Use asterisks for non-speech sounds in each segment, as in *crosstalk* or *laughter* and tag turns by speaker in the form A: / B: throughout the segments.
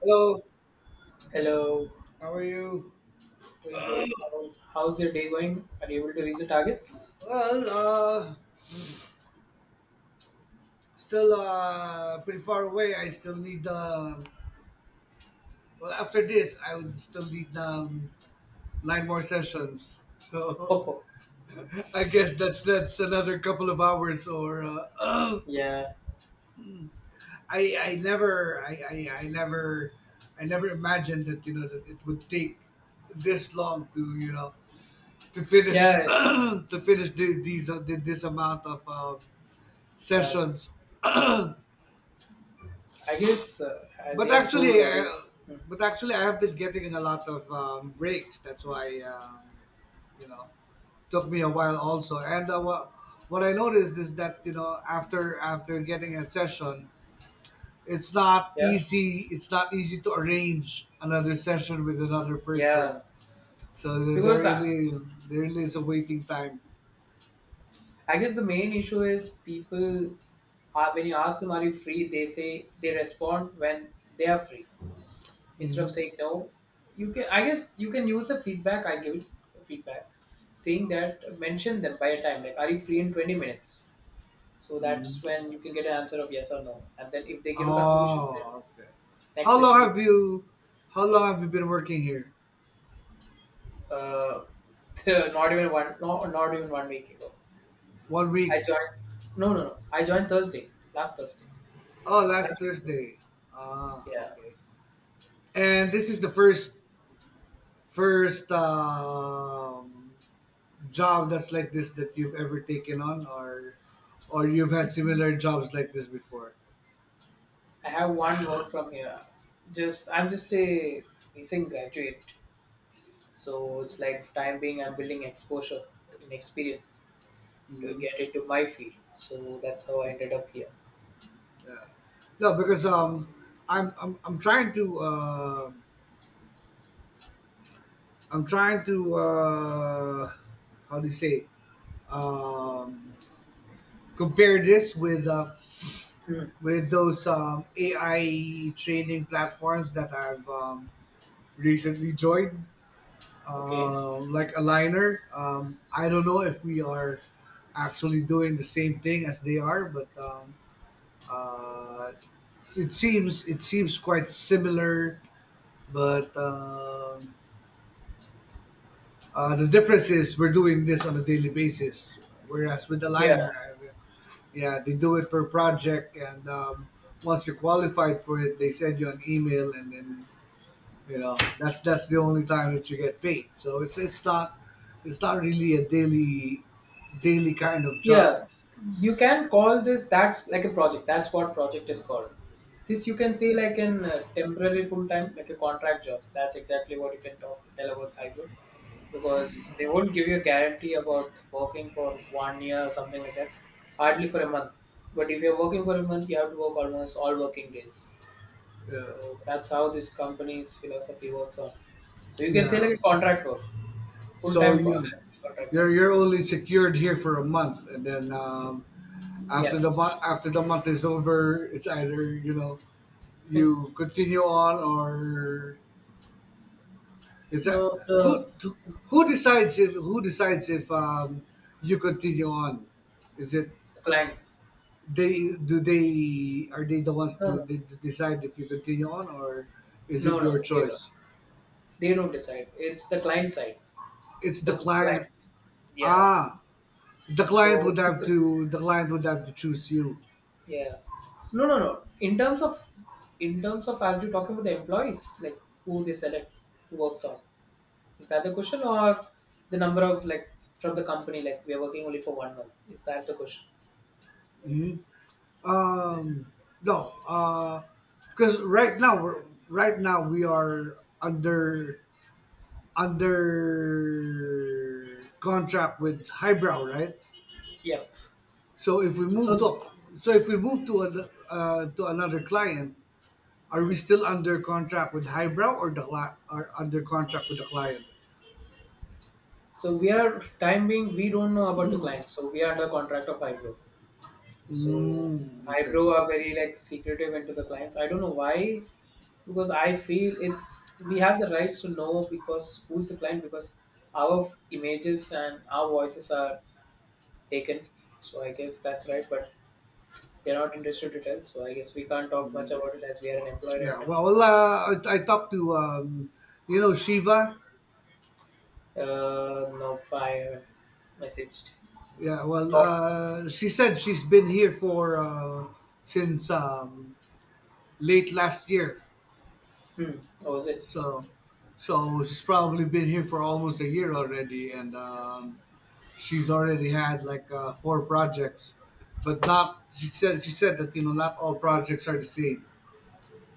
A: Hello,
B: Hello,
A: how are you?
B: doing good. How's your day going? Are you able to reach the targets?
A: Well, uh, still pretty far away. I still need the. Well, after this, I would still need nine more sessions. So
B: Oh,
A: *laughs* I guess that's another couple of hours. Or
B: yeah,
A: I never I, I I never I never imagined that you know that it would take this long to to finish
B: yeah,
A: *coughs* *clears throat*
B: it
A: to finish this amount of sessions.
B: I guess, as
A: But
B: you have told,
A: actually,
B: I guess,
A: I,
B: mm,
A: but actually, I have been getting in a lot of breaks. That's why you know took me a while also. And what I noticed is that after getting a session, it's not
B: yeah,
A: easy. It's not easy to arrange another session with another
B: yeah,
A: person. So
B: because I,
A: there really is a waiting time.
B: I guess the main issue is people are when you ask them, are you free? They say they respond when they are free instead
A: hmm
B: of saying no. You can, I guess, you can use the feedback. I give it feedback saying that mention them by a time like, are you free in 20 minutes? So that's
A: hmm
B: when you can get an answer of yes or no. And then if they give a confirmation, then
A: Oh, okay.
B: next
A: How long
B: session you
A: have
B: can do.
A: you? How long have you been working here?
B: Uh, *laughs* not even one, no, not even 1 week ago.
A: One
B: I
A: week.
B: joined. No, no, no. I joined Thursday,
A: Oh, last
B: last week Thursday.
A: Thursday. Ah,
B: Yeah,
A: okay. And this is the first job that's like this that you've ever taken on, or you've had similar jobs like this before.
B: I have one work from here. Just I'm just a recent graduate, so it's like time being I'm building exposure and experience to
A: Mhm.
B: get into my field. So that's how I ended up here.
A: Yeah. No, because I'm trying to I'm trying to uh, how do you say um, compare this
B: Hmm.
A: with those AI training platforms that I've recently joined,
B: Okay.
A: like Aligner. I don't know if we are actually doing the same thing as they are, but uh, it seems quite similar. But The difference is we're doing this on a daily basis, whereas with Aligner,
B: Yeah.
A: yeah, they do it per project, and once you're qualified for it, they send you an email, and then you know, that's the only time that you get paid. So it's not really a daily kind of job.
B: Yeah, you can call this that's like a project. That's what project is called. This you can say like an temporary full time, like a contract job. That's exactly what you can talk tell about hybrid because they won't give you a guarantee about working for 1 year or something like that. Hardly for a month. But if you're working for a month, you have to work almost all working days.
A: Yeah,
B: So that's how this company's philosophy works on. So you can say
A: yeah.
B: like a contract work, full
A: So
B: time contract.
A: you're
B: Type.
A: you're only secured here for a month, and then
B: Yeah.
A: after the month is over, it's either
B: *laughs*
A: you continue on or is that
B: No,
A: who
B: the
A: who decides if you continue on? Is it
B: The client.
A: they do they are they the ones
B: No, no.
A: to, they decide if you continue on or is
B: No,
A: it
B: no.
A: your
B: They don't.
A: choice?
B: They don't decide. It's the client side.
A: It's the
B: The client.
A: client.
B: Yeah.
A: Ah, the client
B: So
A: would
B: it's
A: have
B: a,
A: to choose you.
B: yeah. So, no, no, no. In terms of as you're talking about the employees, like who they select who works on. Is that the question or the number of like from the company, like we are working only for 1 month? Is that the question?
A: Mhm. Um, no, because right now we are under contract with Highbrow, right?
B: Yeah.
A: So if we move
B: So
A: to so if we move to an, to another client, are
B: hmm,
A: we still under contract with Highbrow or the cli- are under contract with the client?
B: so we are time being we don't know about the client. So we are under contract of Ibro. So
A: Mm, okay.
B: Hybro are very like secretive into the clients. I don't know why, because I feel it's we have the rights to know because who's the client because our images and our voices are taken. So I guess that's right, but they're not interested to tell. So I guess we can't talk much about it as we are an employee right
A: Yeah.
B: now.
A: Well, I talked to you know Shiva.
B: No, I haven't messaged.
A: Yeah. Well,
B: Talk.
A: she said she's been here for since late last year.
B: Hmm. Oh, is it?
A: So, so she's probably been here for almost a year already, and she's already had like four projects, but not. She said that you know not all projects are the same.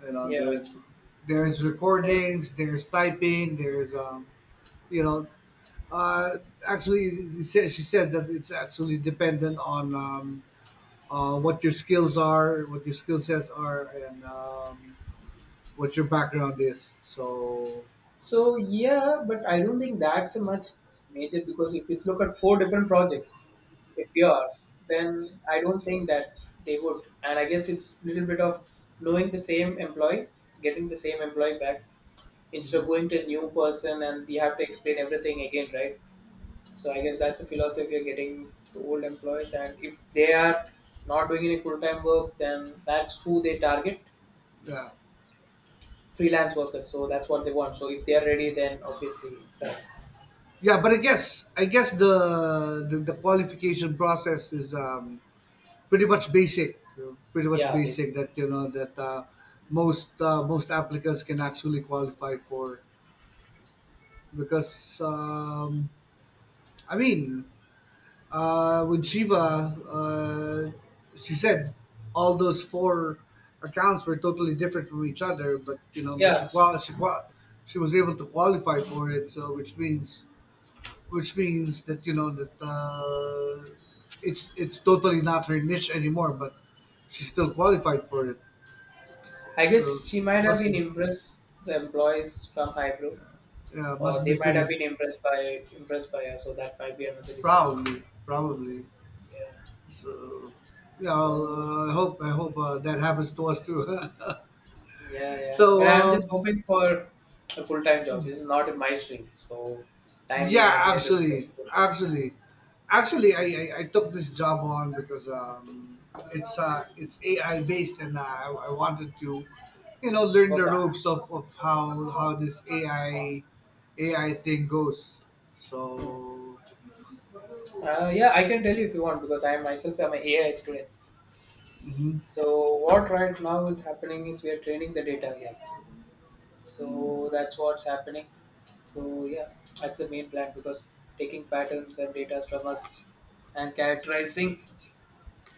A: You know,
B: Yeah, it's.
A: there's recordings, there's typing, you know, uh, actually, she said that it's actually dependent on what your skills are, what your skill sets are, and what your background is. So
B: So yeah, but I don't think that's a much major because if you look at four different projects, if you are, then I don't think that they would. And I guess it's a little bit of knowing the same employee, getting the same employee back instead of going to a new person and you have to explain everything again, right? So I guess that's a philosophy of getting the old employees. And if they are not doing any full time work, then that's who they target
A: yeah,
B: freelance workers. So that's what they want. So if they are ready, then obviously it's fine.
A: yeah. But I guess the qualification process is pretty much basic, pretty much
B: Yeah, basically.
A: basic. That you know that most applicants can actually qualify for because I mean, with Shiva, she said all those four accounts were totally different from each other, but you know, but
B: Yeah,
A: she was able to qualify for it, so which means that you know that it's totally not her niche anymore, but she still qualified for it,
B: I
A: so
B: guess she might have
A: must
B: been
A: be-
B: impressed the employees from Hybrid,
A: yeah
B: or
A: must be
B: they might have
A: pretty
B: been impressed by her. So that might be another reason.
A: proud probably.
B: Yeah.
A: So yeah,
B: So
A: I hope that happens to us too.
B: yeah,
A: *laughs*
B: yeah. But
A: so
B: I'm just
A: um,
B: hoping for a full time job. This is not my stream. So time being,
A: yeah,
B: I'm here just for
A: actually,
B: exposure.
A: actually, actually, I took this job on because it's AI based, and I wanted to, you know, learn
B: Work
A: the
B: on.
A: ropes of how this AI thing goes.
B: Mm.
A: So.
B: Yeah, I can tell you if you want because I myself am an AI student.
A: Mhm,
B: So what right now is happening is we are training the data here.
A: mhm,
B: So that's what's happening. So yeah, that's the main plan because taking patterns and data from us and characterizing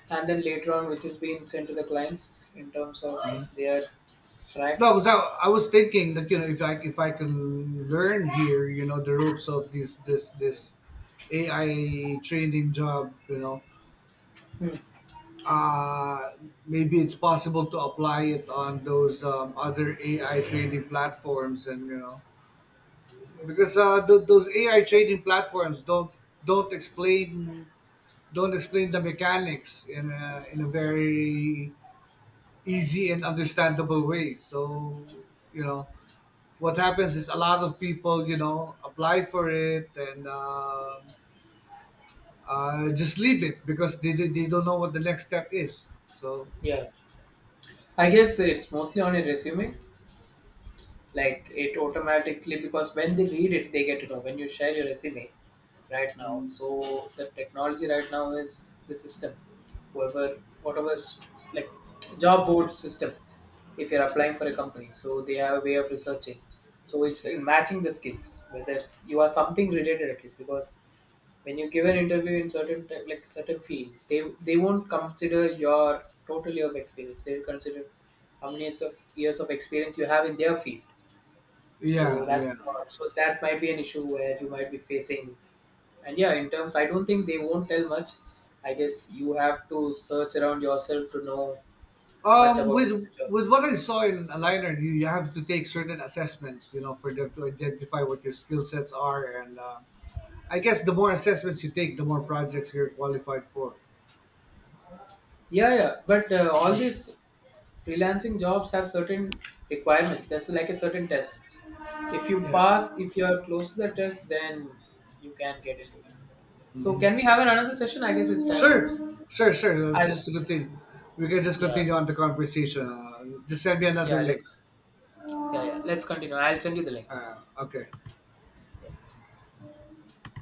B: and then later on which is being sent to the clients in terms of
A: uh-huh.
B: their track.
A: No, because I was thinking that you know if I can learn here, you know, the ropes of this AI training job, you know,
B: Hmm.
A: uh, maybe it's possible to apply it on those other AI training platforms, and you know, because those AI
B: Yeah.
A: training platforms don't explain don't explain the mechanics in in a very easy and understandable way. So you know what happens is a lot of people, you know, apply for it and just leave it because they don't know what the next step is. So
B: Yeah. I guess it's mostly on a resume. Like it automatically because when they read it they get to know. When you share your resume right now. So the technology right now is the system. Whoever whatever like job board system if you're applying for a company so they have a way of researching so it's matching the skills whether you are something related at least because when you give an interview in certain like certain field they won't consider your total year of experience they will consider how many years of experience you have in their field so
A: yeah,
B: that's
A: yeah.
B: what, so that might be an issue where you might be facing and yeah in terms I don't think they won't tell much I guess you have to search around yourself to know much about
A: With
B: the job.
A: what I saw in Aligner, you have to take certain assessments, you know, for them to identify what your skill sets are, and I guess the more assessments you take, the more projects you're qualified for.
B: Yeah, yeah. But all these freelancing jobs have certain requirements. That's like a certain test. If you
A: Yeah.
B: pass, if you are close to the test, then you can get into it. So can
A: Hmm.
B: we have another session? I guess it's time
A: Sure,
B: out.
A: sure. Let's
B: I'll,
A: just continue. We can just
B: yeah,
A: continue on the conversation. Just send me another
B: yeah.
A: link.
B: Yeah, yeah. Let's continue. I'll send you the link.
A: Okay.
B: Yeah.